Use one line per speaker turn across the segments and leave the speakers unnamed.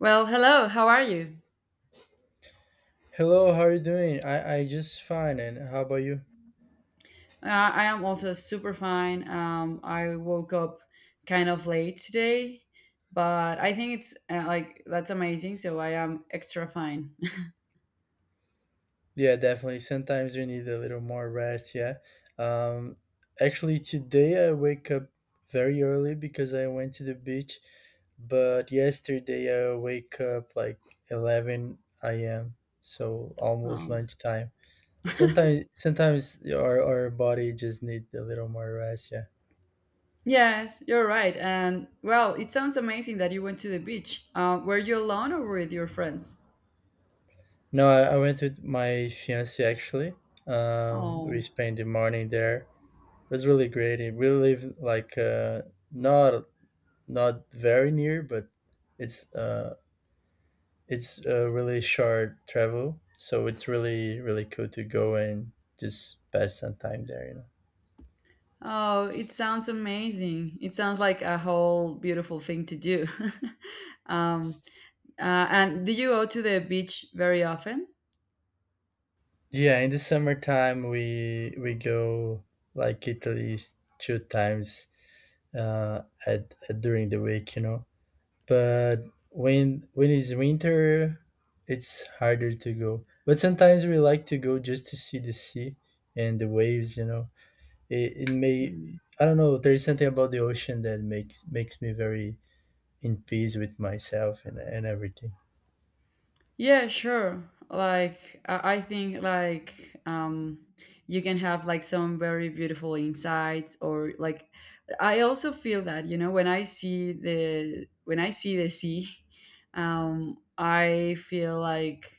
Well, hello. How are you?
Hello, how are you doing? I just fine, and how about you?
I am also super fine. I woke up kind of late today, but I think it's like that's amazing. So I am extra fine.
Yeah, definitely. Sometimes you need a little more rest, yeah. Um, Actually, today I wake up very early because I went to the beach, but yesterday I wake up like 11 a.m., so almost
Um,
lunchtime. Sometimes our body just need a little more rest, yeah.
yes, you're right. And well, it sounds amazing that you went to the beach. Were you alone or with your friends?
No, I went with my fiance actually. We
Oh,
spent the morning there. It was really great. It really live like not not very near, but it's it's a really short travel, so it's really really cool to go and just pass some time there, you know.
oh, it sounds amazing. It sounds like a whole beautiful thing to do. um, and do you go to the beach very often?
Yeah, in the summertime we go like at least two times, uh, at during the week, you know. But when it's winter, it's harder to go, but sometimes we like to go just to see the sea and the waves, you know. It may, I don't know, there's something about the ocean that makes me very in peace with myself and everything.
Yeah, sure. Like I think like you can have like some very beautiful insights, or like I also feel that, you know, when I see the sea. Um, I feel like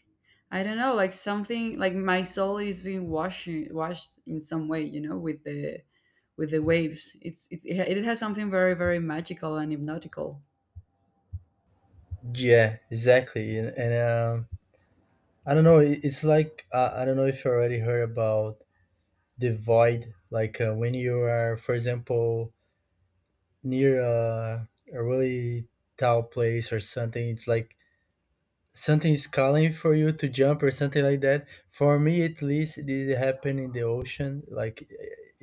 I don't know, like something like my soul is being washed in some way, you know, with the waves. It's it has something very magical and hypnotical.
Yeah, exactly. And I don't know, it's like I don't know if you already heard about the void, like when you are, for example, near a really tall place or something. It's like something is calling for you to jump or something like that. For me, at least, it did happen in the ocean. Like,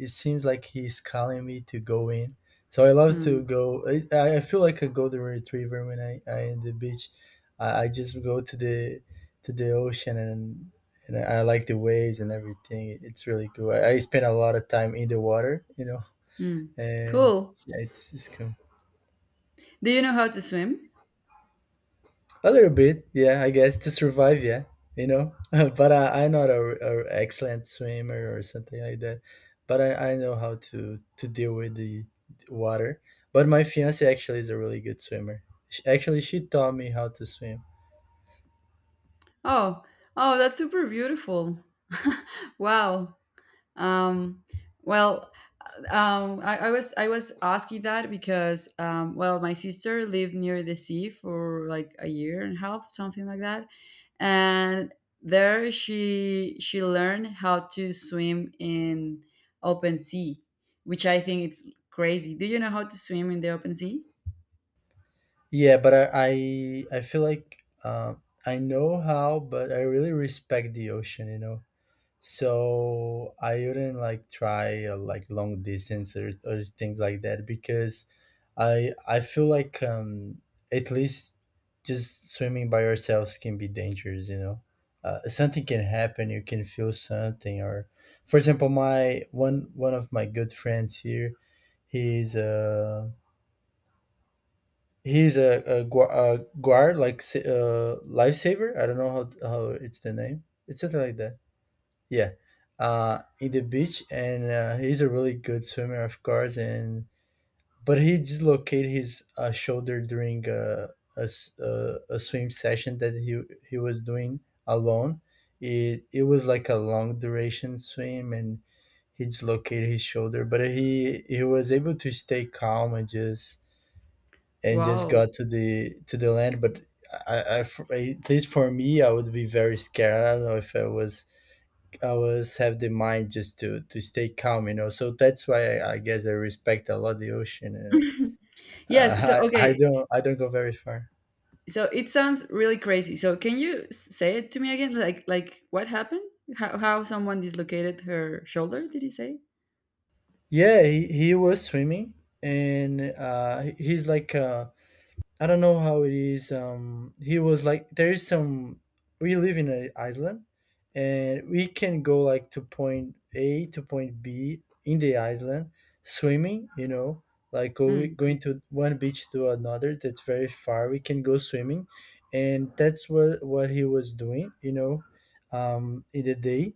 it seems like he's calling me to go in. So I love to
Hmm.
go. I feel like a golden retriever when I in the beach. I just go to the ocean and I like the waves and everything. It's really cool. I spend a lot of time in the water, you know,
Hmm.
and
Cool.
yeah, it's cool.
Do you know how to swim?
A little bit, yeah, I guess to survive, yeah, you know. But I'm not a excellent swimmer or something like that. But I know how to deal with the water. But my fiance actually is a really good swimmer. She, actually, she taught me how to swim.
Oh, oh, that's super beautiful. Wow. Um, well, I was asking that because well, my sister lived near the sea for like a year and a half, something like that, and there she learned how to swim in open sea, which I think it's crazy. Do you know how to swim in the open sea?
Yeah, but I feel like I know how, but I really respect the ocean, you know. So I wouldn't like try like long distance or things like that because I feel like at least just swimming by yourselves can be dangerous, you know. Something can happen. You can feel something, or, for example, my one of my good friends here. He's a he's a guard like lifesaver. I don't know how it's the name. It's something like that, yeah, in the beach, and he's a really good swimmer, of course. And but he dislocated his shoulder during a swim session that he was doing alone. It was like a long duration swim, and he dislocated his shoulder. But he was able to stay calm and just
Wow.
got to the land. But for- at least for me, I would be very scared. I don't know if I was. I always have the mind just to stay calm, you know. So that's why I guess I respect a lot the ocean.
Yes. So
I
okay.
don't I don't go very far.
So it sounds really crazy. So can you say it to me again? Like what happened? How someone dislocated her shoulder? Did you say?
Yeah, he was swimming, and he- he's like I don't know how it is. He was like, there is some. We live in an island, and we can go like to point A to point B in the island, swimming, you know. Like go,
Mm, mm.
going to one beach to another that's very far. We can go swimming, and that's what he was doing, you know. In the day,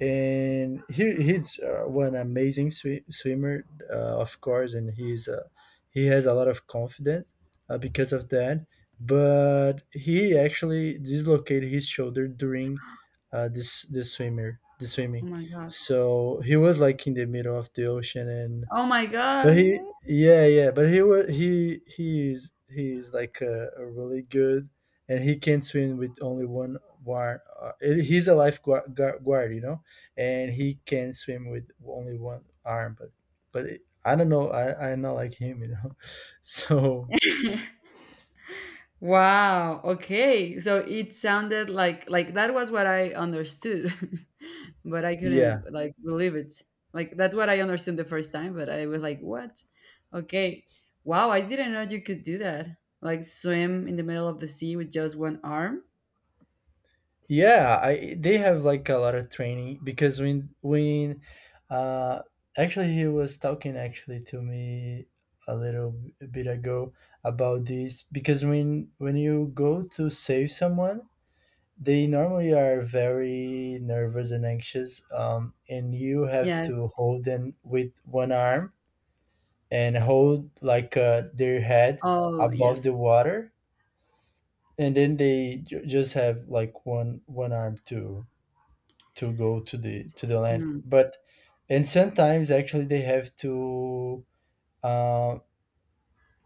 and he's one amazing swimmer, of course, and he has a lot of confidence because of that. But he actually dislocated his shoulder during this this swimmer the
Oh
swimming,
my god.
so he was like in the middle of the ocean. And
Oh my
but
god.
he, yeah. But he was he's like a, really good, and he can swim with only one. He's a lifeguard guard, you know, and he can swim with only one arm. But it, I don't know. I'm not like him, you know. So
Wow. Okay. So it sounded like that was what I understood. But I
yeah.
couldn't like believe it. Like that's what I understood the first time, but I was like, "What? Okay. Wow, I didn't know you could do that. Like swim in the middle of the sea with just one arm."
Yeah, I they have like a lot of training because when uh actually he was talking actually to me a little bit ago about this because when you go to save someone, they normally are very nervous and anxious, and you have
Yes.
to hold them with one arm and hold like their head
Oh,
above
yes.
the water, and then they just have like one arm too to go to the land.
Mm.
But and sometimes actually they have to uh,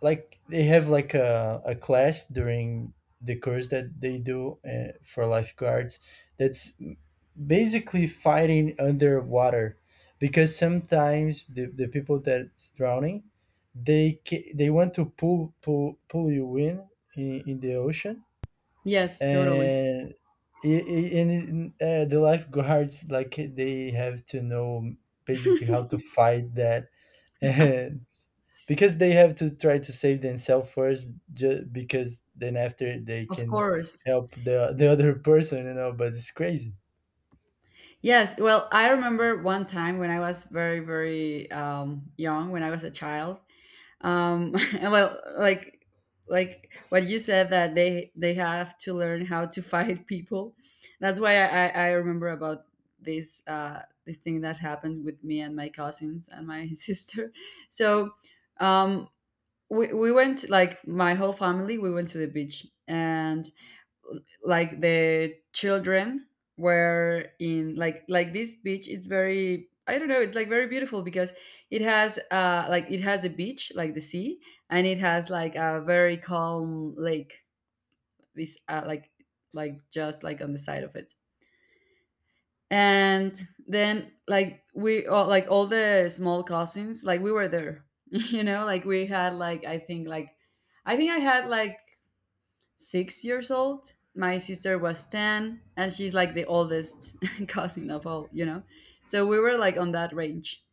like they have like a class during the course that they do, for lifeguards, that's basically fighting underwater, because sometimes the people that's drowning, they they want to pull you in in the ocean.
Yes, totally.
And i- i- the lifeguards like they have to know basically how to fight that, and because they have to try to save themselves first, because then after they
Of
can
course.
help the other person, you know. But it's crazy.
Yes. Well, I remember one time when I was very, young, when I was a child. And well, like what you said, that they have to learn how to fight people. That's why I remember about this the thing that happened with me and my cousins and my sister. So um, we went, like my whole family. We went to the beach, and like the children were in like this beach. It's very, I don't know, it's like very beautiful because it has like it has a beach like the sea, and it has like a very calm lake, this like just like on the side of it. And then like we all, like all the small cousins, like we were there. You know, like we had like I think like I had like 6 years old. My sister was 10, and she's like the oldest cousin of all, you know? So we were like on that range.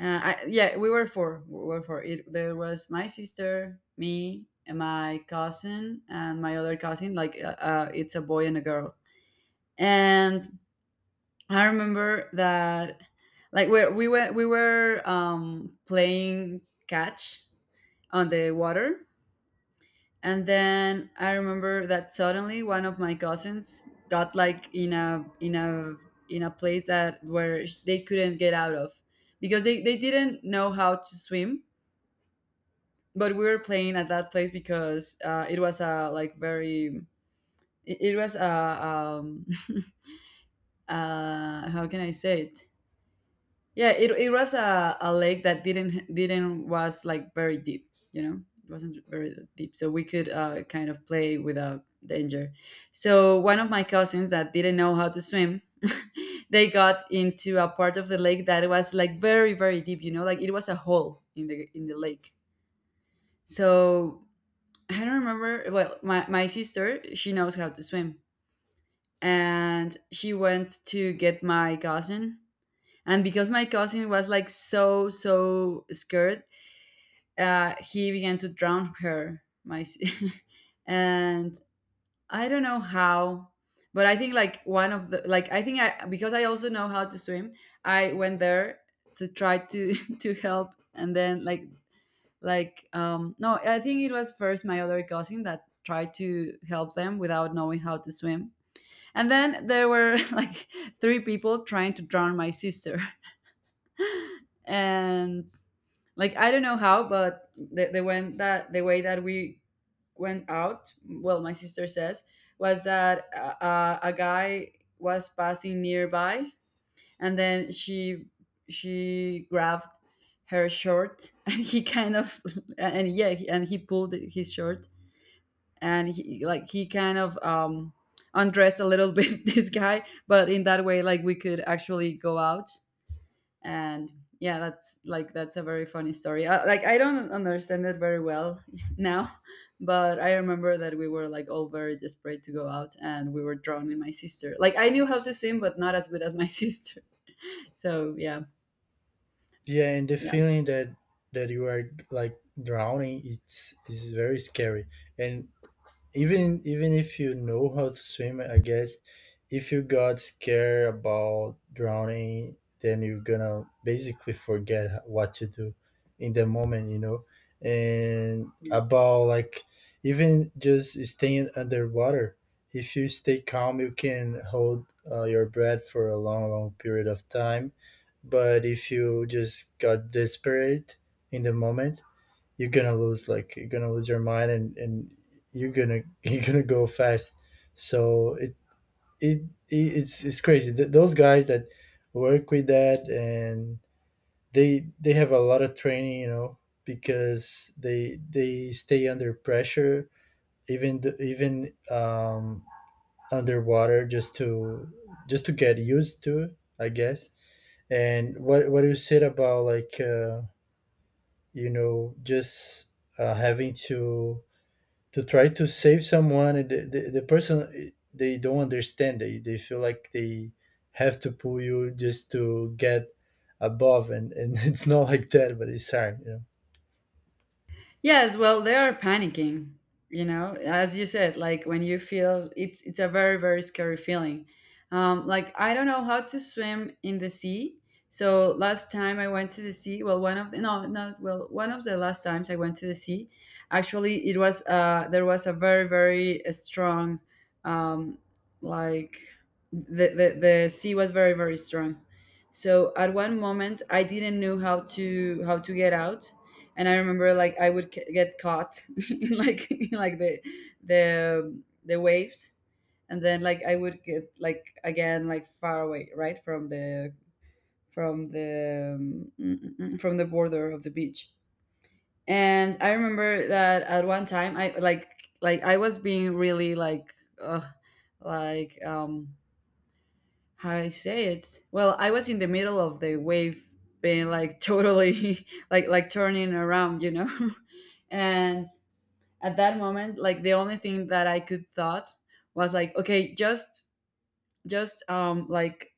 Yeah, we were four. We were four. There was my sister, me, and my cousin, and my other cousin. Like, it's a boy and a girl. And I remember that, like, we were playing catch on the water, and then I remember that suddenly one of my cousins got like in a place that where they couldn't get out of because they didn't know how to swim. But we were playing at that place because it was a like very, it was a um, how can I say it. Yeah, it was a lake that didn't was like very deep, you know. It wasn't very deep, so we could kind of play without danger. So one of my cousins that didn't know how to swim, they got into a part of the lake that was like very deep, you know, like it was a hole in the lake. So I don't remember. Well, my sister, she knows how to swim, and she went to get my cousin. And because my cousin was like so scared, he began to drown her. And I don't know how, but I think like one of the like I think I, because I also know how to swim. I went there to try to to help, and then like no, I think it was first my other cousin that tried to help them without knowing how to swim. And then there were like three people trying to drown my sister. And like I don't know how, but the went that the way that we went out, well, my sister says, was that a guy was passing nearby, and then she grabbed her shirt, and he kind of, and yeah, and he pulled his shirt, and he like he kind of undressed a little bit this guy, but in that way, like we could actually go out. And yeah, that's like that's a very funny story. Like I don't understand it very well now, but I remember that we were like all very desperate to go out, and we were drawn in my sister. Like I knew how to swim, but not as good as my sister. So yeah,
Yeah, and the
yeah,
feeling that that you are like drowning, it's is very scary. And even even if you know how to swim, I guess if you got scared about drowning, then you're gonna basically forget what to do in the moment, you know. And
yes.
about like even just staying underwater, if you stay calm, you can hold your breath for a long long period of time. But if you just got desperate in the moment, you're gonna lose, like you're gonna lose your mind, and you're gonna you're gonna go fast. So it, it's it's crazy. Those guys that work with that, and they have a lot of training, you know, because they stay under pressure, even even underwater, just to get used to it, I guess. And what you said about like you know, just having to try to save someone, and the, the person, they don't understand, they feel like they have to pull you just to get above, and it's not like that, but it's hard, you know.
Yes, well, they are panicking, you know, as you said, like when you feel it's a very scary feeling. Like I don't know how to swim in the sea. So last time I went to the sea, well, one of the, no, not well, one of the last times I went to the sea, actually it was there was a very strong um like the sea was very strong. So at one moment I didn't know how to get out. And I remember like I would get caught in like in, like the the waves, and then like I would get like again like far away right from the from the border of the beach. And I remember that at one time I like I was being really uh, like how I say it. Well, I was in the middle of the wave being like totally like turning around, you know. And at that moment like the only thing that I could thought was like okay, just like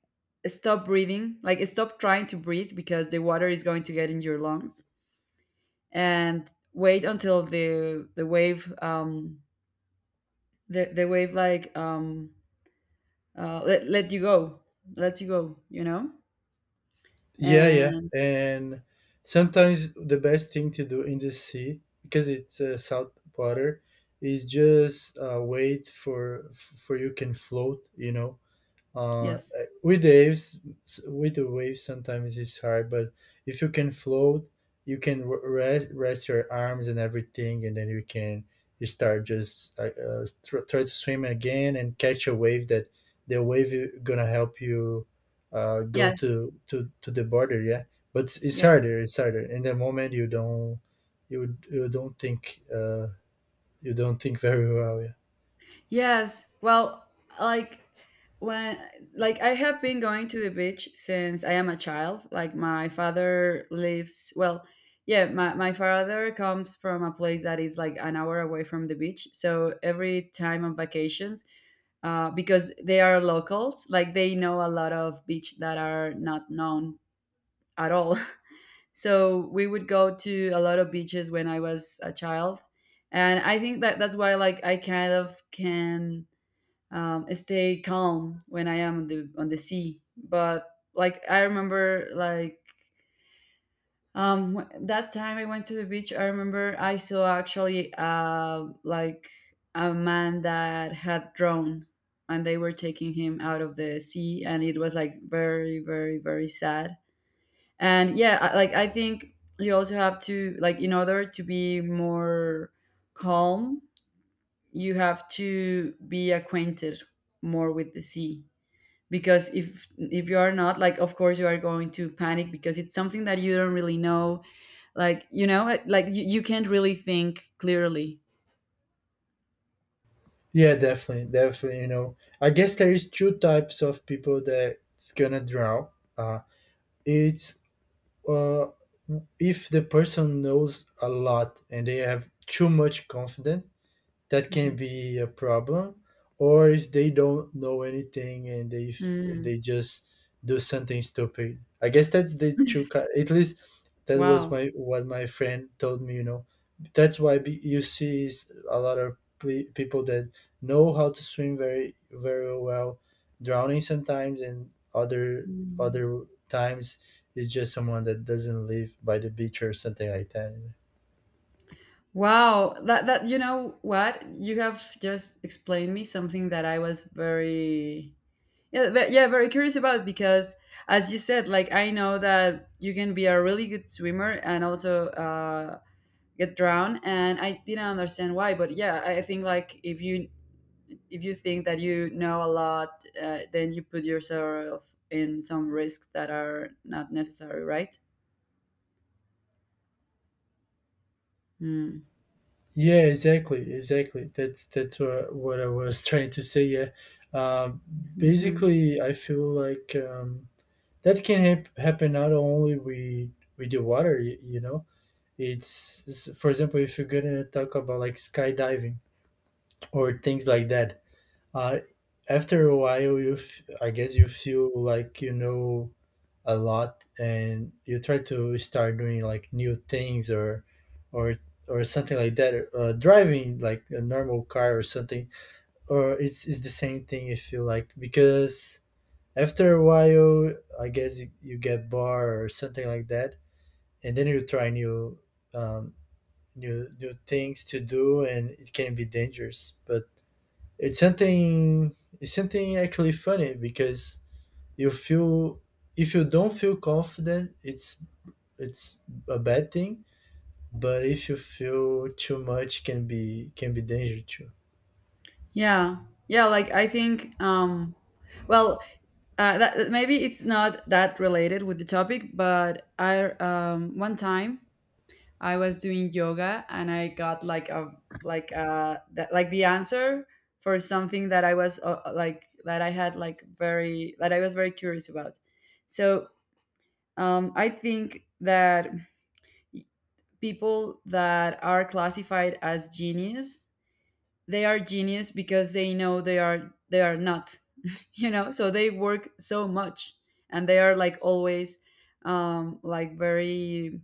stop breathing, like stop trying to breathe because the water is going to get in your lungs, and wait until the wave the wave like let you go, you know.
Yeah, yeah,
And
and sometimes the best thing to do in the sea, because it's salt water, is just wait for you can float, you know. uh
yes,
with waves, with the waves sometimes it's hard, but if you can float, you can rest rest your arms and everything, and then you can you start just try to swim again and catch a wave, that the wave is gonna help you go
yes,
to the border, yeah. But it's
yes.
harder, it's harder in the moment. You don't you you don't think very well, yeah.
Yes. Well, like when like I have been going to the beach since I am a child. Like my father lives well, yeah, my father comes from a place that is like an hour away from the beach. So every time on vacations, because they are locals, like they know a lot of beach that are not known at all. So we would go to a lot of beaches when I was a child. And I think that that's why like I kind of can stay calm when I am on the sea. But like I remember, like that time I went to the beach, I remember I saw actually like a man that had drowned, and they were taking him out of the sea, and it was like very, very, very sad. And yeah, like I think you also have to like in order to be more calm, you have to be acquainted more with the sea, because if you are not, like of course you are going to panic because it's something that you don't really know. Like you know like you can't really think clearly.
Yeah, definitely, definitely. You know, I guess there is two types of people that's gonna draw. Uh, it's uh, if the person knows a lot and they have too much confidence, that
Mhm.
can be a problem, or if they don't know anything, and they
Mm.
they just do something stupid, I guess. That's the true, at least that was
Wow.
my what my friend told me, you know. That's why you see a lot of people that know how to swim very very well drowning sometimes, and other
Mm.
other times it's just someone that doesn't live by the beach or something like that.
Wow, that you know what, you have just explained me something that I was very, yeah, yeah, very curious about. Because as you said like I know that you can be a really good swimmer and also get drowned, and I didn't understand why. But yeah, I think like if you, if you think that you know a lot, then you put yourself in some risks that are not necessary, right? Mm-hmm.
Yeah, exactly, exactly. That's what I was trying to say. Yeah, um, basically, I feel like that can happen not only with the water, you know. It's for example, if you're gonna talk about like skydiving or things like that. Uh, After a while, you I guess you feel like you know a lot, and you try to start doing like new things, or or something like that, driving like a normal car or something. Or it's the same thing if you like, because after a while, I guess you, you get bored or something like that, and then you try new um, new new things to do, and it can be dangerous. But it's something, it's something actually funny, because you feel if you don't feel confident, it's a bad thing, but if you feel too much, can be dangerous. Too,
Yeah, yeah. Like I think, well, maybe it's not that related with the topic, but I one time I was doing yoga and I got like a like like the answer for something that I was like that I had like very that I was very curious about. So I think that people that are classified as genius, they are genius because they know they are not, you know. So they work so much, and they are like always, like very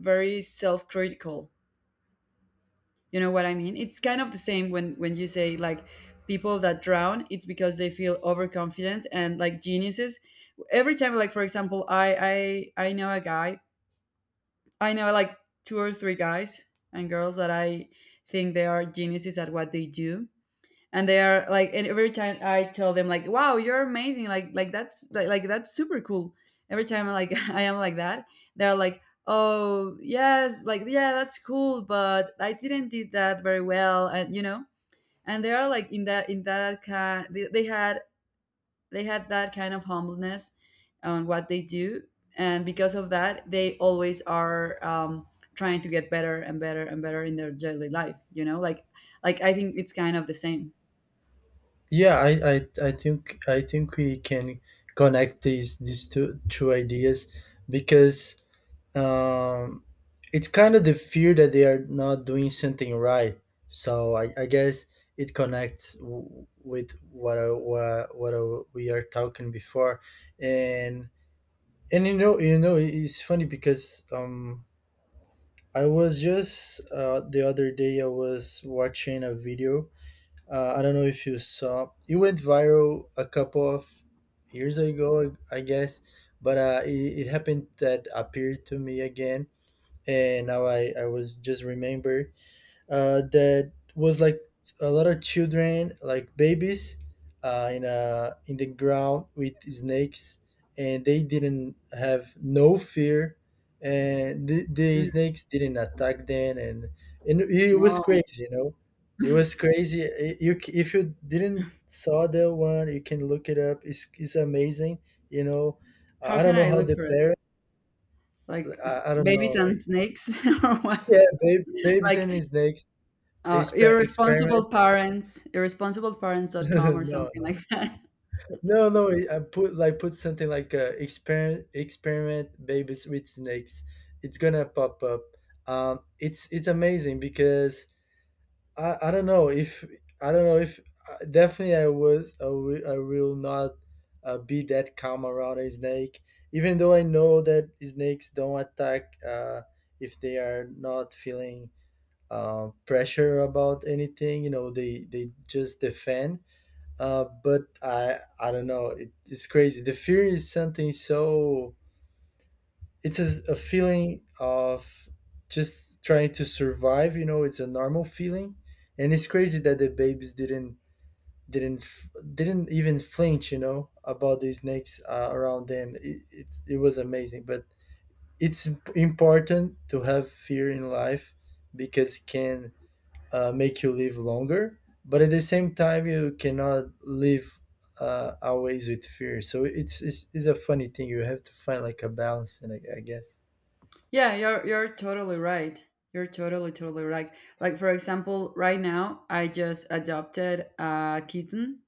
very self critical. You know what I mean? It's kind of the same when you say like people that drown, it's because they feel overconfident and like geniuses every time like for example I know a guy. I know like two or three guys and girls that I think they are geniuses at what they do. And they are like, and every time I tell them like, "Wow, you're amazing! Like that's super cool." Every time I like I am like that, they're like, "Oh yes, like yeah, that's cool, but I didn't do that very well," and. And they are like in that kind. They had that kind of humbleness on what they do, and because of that they always are trying to get better and better and better in their daily life, like I think it's kind of the same.
yeah, I think we can connect these two ideas because um it's kind of the fear that they are not doing something right. So I guess it connects with what I- we are talking before. And it's funny because I was just the other day I was watching a video. I don't know if you saw. It went viral a couple of years ago, I guess, but it happened that appeared to me again, and now I was just remember that was like a lot of children, like babies, in the ground with snakes, and they didn't have no fear, and the
Mm,
snakes didn't attack them, and it was
wow.
crazy, it was crazy. If you didn't saw that one, you can look it up. It's amazing. You know.
How
I
can
don't know
I
how
look
the
for it,
parent.
like s-
I don't know,
babies and
like
snakes or
yeah,
what,
babes
like?
and snakes
Or
experiment.
irresponsible parents, irresponsibleparents.com or
No,
something
no,
like that.
no, no. I put like put something like experiment experiment babies with snakes. It's gonna pop up. It's amazing because I don't know if I don't know if definitely I was I wi- I will not be that calm around a snake, even though I know that snakes don't attack if they are not feeling pressure about anything. You know, they just defend, but I don't know. It's crazy. The fear is something so. It's a feeling of just trying to survive. You know, it's a normal feeling, and it's crazy that the babies didn't didn't even flinch, about the snakes around them. It was amazing, but it's important to have fear in life because it can make you live longer, but at the same time you cannot live always with fear. So it's a funny thing. You have to find like a balance, and I guess.
Yeah, you're totally right. You're totally right. Like for example, right now I just adopted a kitten,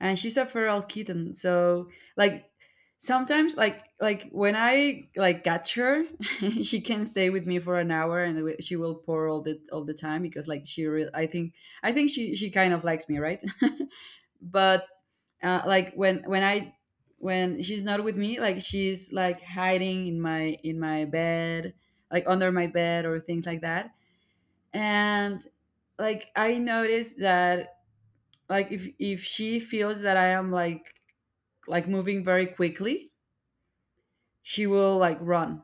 and she's a feral kitten. So like sometimes like when I like catch her, she can stay with me for an hour, and we- she will pour all the time because like she re- I think she kind of likes me, right? But like when I when she's not with me, like she's like hiding in my bed, like under my bed or things like that. And like I noticed that like if she feels that I am like moving very quickly, she will like run.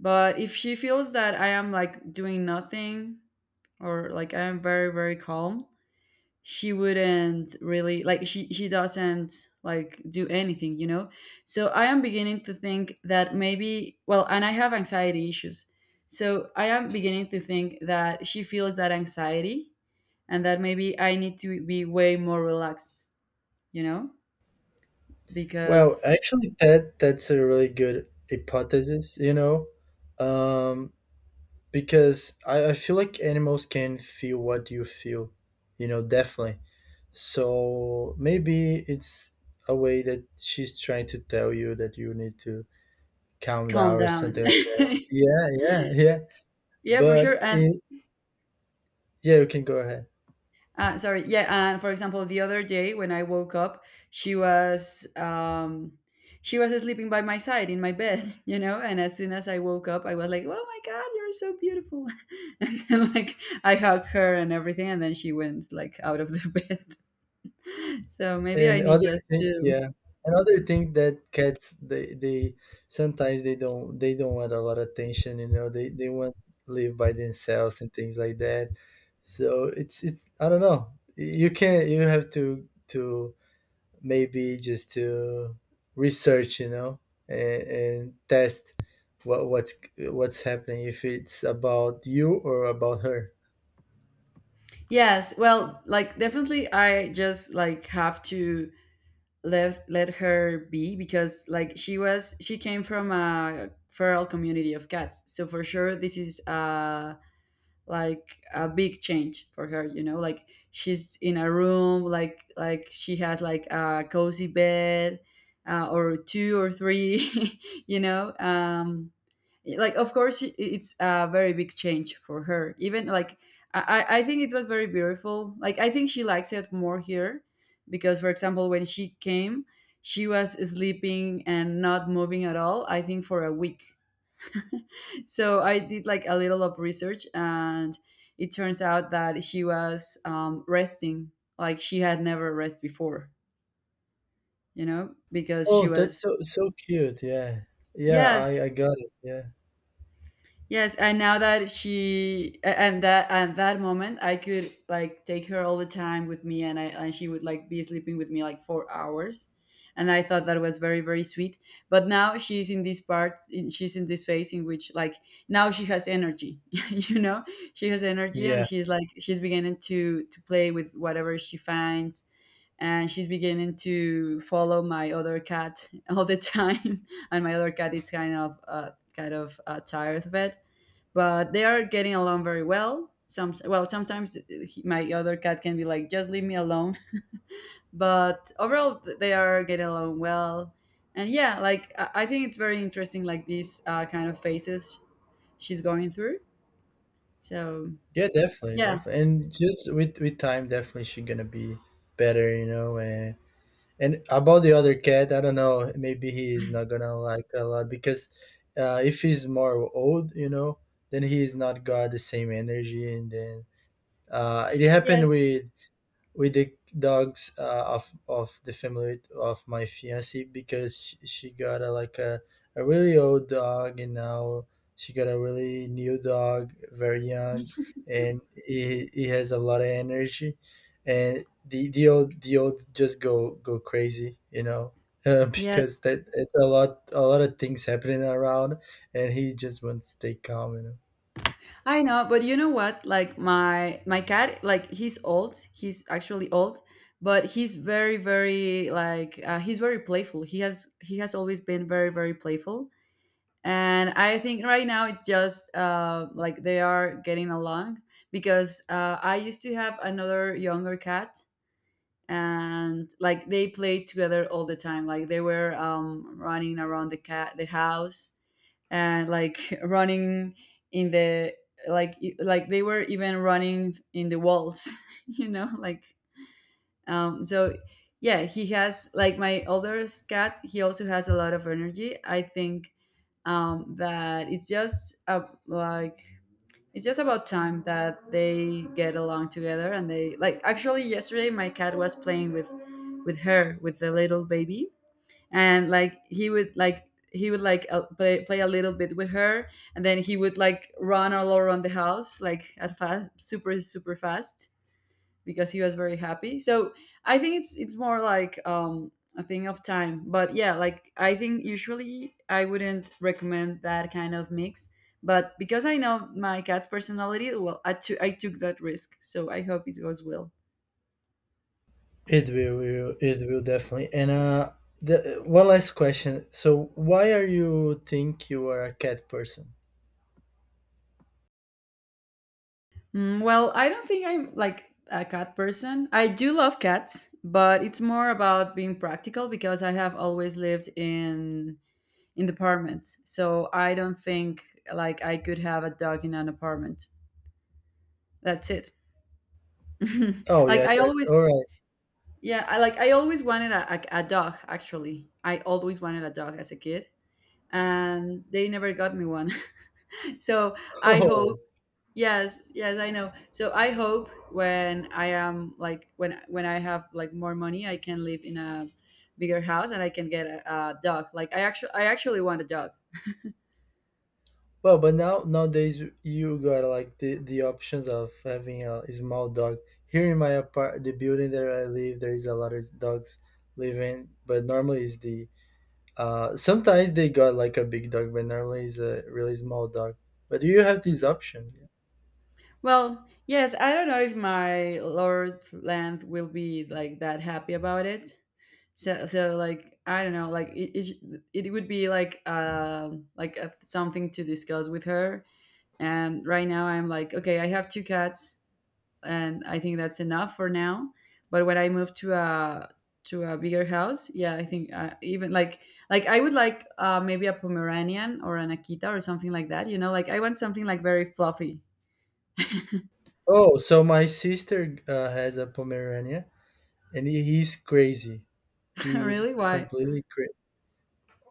But if she feels that I am like doing nothing, or like I am very calm, she wouldn't really like she doesn't like do anything, you know? So I am beginning to think that maybe, well, and I have anxiety issues. So I am beginning to think that she feels that anxiety, and that maybe I need to be way more relaxed, you know?
Well
Because
actually, that's a really good hypothesis. um because I feel like animals can feel what you feel, definitely. So maybe it's a way that she's trying to tell you that you need to calm down
calm
or
down.
something like that. Yeah, yeah, yeah.
Yeah, for
But
sure. And
in yeah, you can go ahead.
Sorry, yeah. And for example, the other day when I woke up, she was um, she was sleeping by my side in my bed, you know. And as soon as I woke up, I was like, "Oh my god, you're so beautiful!" And then like I hugged her and everything, and then she went like out of the bed. So maybe I
And
need
other
just
thing,
to.
yeah, another thing: that cats, they sometimes, they don't want a lot of attention. You know, they want to live by themselves and things like that. So it's I don't know. You have to maybe just to research, you know, and, test what's happening, if it's about you or about her.
Yes, well, like definitely I just like have to let her be because like she was she came from a feral community of cats. So for sure this is a like a big change for her, you know, like she's in a room, like she has like a cozy bed, or two or three. You know, um, like of course, I- it's a very big change for her. Even like I think it was very beautiful, like I think she likes it more here because for example when she came, she was sleeping and not moving at all, I think, for a week. So I did like a little of research, and it turns out that she was resting, like she had never rest before, you know, because she
Oh, that's
was.
so cute. Yeah. Yeah,
Yes.
I got it. Yeah.
Yes, and now that she a- and that moment, I could like take her all the time with me, and I and she would like be sleeping with me like 4 hours, and I thought that was very sweet. But now she's in this part, in, she's in this phase in which like now she has energy, you know, she has energy, and
Yeah.
she's like she's beginning to play with whatever she finds, and she's beginning to follow my other cat all the time. And my other cat is kind of tired of it, but they are getting along very well. Some well, sometimes he- my other cat can be like, "Just leave me alone." But overall, they are getting along well, and yeah, like I think it's very interesting, like these kind of phases she's going through. So
Yeah, definitely,
yeah.
definitely. And just with time, definitely she gonna be better, you know. And about the other cat, I don't know. Maybe he is not gonna like a lot because if he's more old, you know, then he is not got the same energy. And then it happened
Yes,
with the dogs of the family of my fiance, because she got a like a really old dog, and now she got a really new dog very young, and he has a lot of energy, and the old just go crazy, you know,
yes,
because that it's a lot of things happening around, and he just wants to stay calm.
I know. But you know what? Like my cat, like he's old. He's actually old, but he's very like he's very playful. He has always been very playful. And I think right now it's just like they are getting along because I used to have another younger cat, and like they played together all the time, like they were running around the cat the house and like running in the like e- like they were even running in the walls. You know, like um, so yeah, he has like my older cat he also has a lot of energy, I think, that it's just a, like it's just about time that they get along together. And they like, actually yesterday my cat was playing with her with the little baby, and like he would like he would like play, play a little bit with her, and then he would like run all around the house like at fast super fast because he was very happy. So I think it's more like a thing of time. But yeah, like I think usually I wouldn't recommend that kind of mix. But because I know my cat's personality, well, I took that risk. So I hope it goes well.
It will, it will, it will definitely. And the one last question. So, why are you think you are a cat person?
Mm, well, I don't think I'm like a cat person. I do love cats, but it's more about being practical because I have always lived in apartments. So I don't think like I could have a dog in an apartment. That's it. Mhm.
Oh
Like
yeah,
I
that
always,
all right.
yeah, I like I always wanted a dog. Actually, I always wanted a dog as a kid, and they never got me one. So I
Oh
hope. Yes, yes, I know. So I hope when I am like when i have like more money, I can live in a bigger house, and I can get a dog. Like I actually want a dog.
well, but now nowadays you got like the options of having a, small dog. Here in my apart, the building that I live, there is a lot of dogs living, but normally is the, sometimes they got like a big dog, but normally is a really small dog. But do you have this
Hmm.
option?
Well, yes, I don't know if my Lord Land will be like that happy about it. So, so like I don't know, like it, sh- it would be like a, something to discuss with her. And right now, I'm like, okay, I have two cats, and I think that's enough for now. But when I move to a bigger house, yeah, I think even like I would like maybe a Pomeranian or an Akita or something like that. You know, like I want something like very fluffy.
Oh, so my sister has a Pomerania, and he's crazy. He's
Really, why?
completely crazy.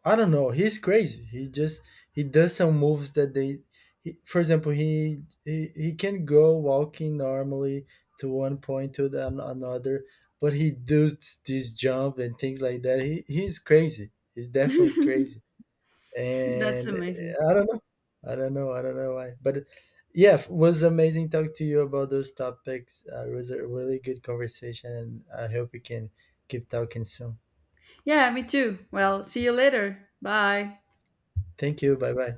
I don't know. He's crazy. He just he does some moves that they. He, for example, he can go walking normally to one point to another, but he does this jump and things like that. He's crazy. He's definitely crazy.
That's
And
amazing.
I don't I don't know. I don't know why, but yeah, it was amazing talking to you about those topics. It was a really good conversation, and I hope we can keep talking soon.
Yeah, me too. Well, see you later. Bye.
Thank you. Bye bye.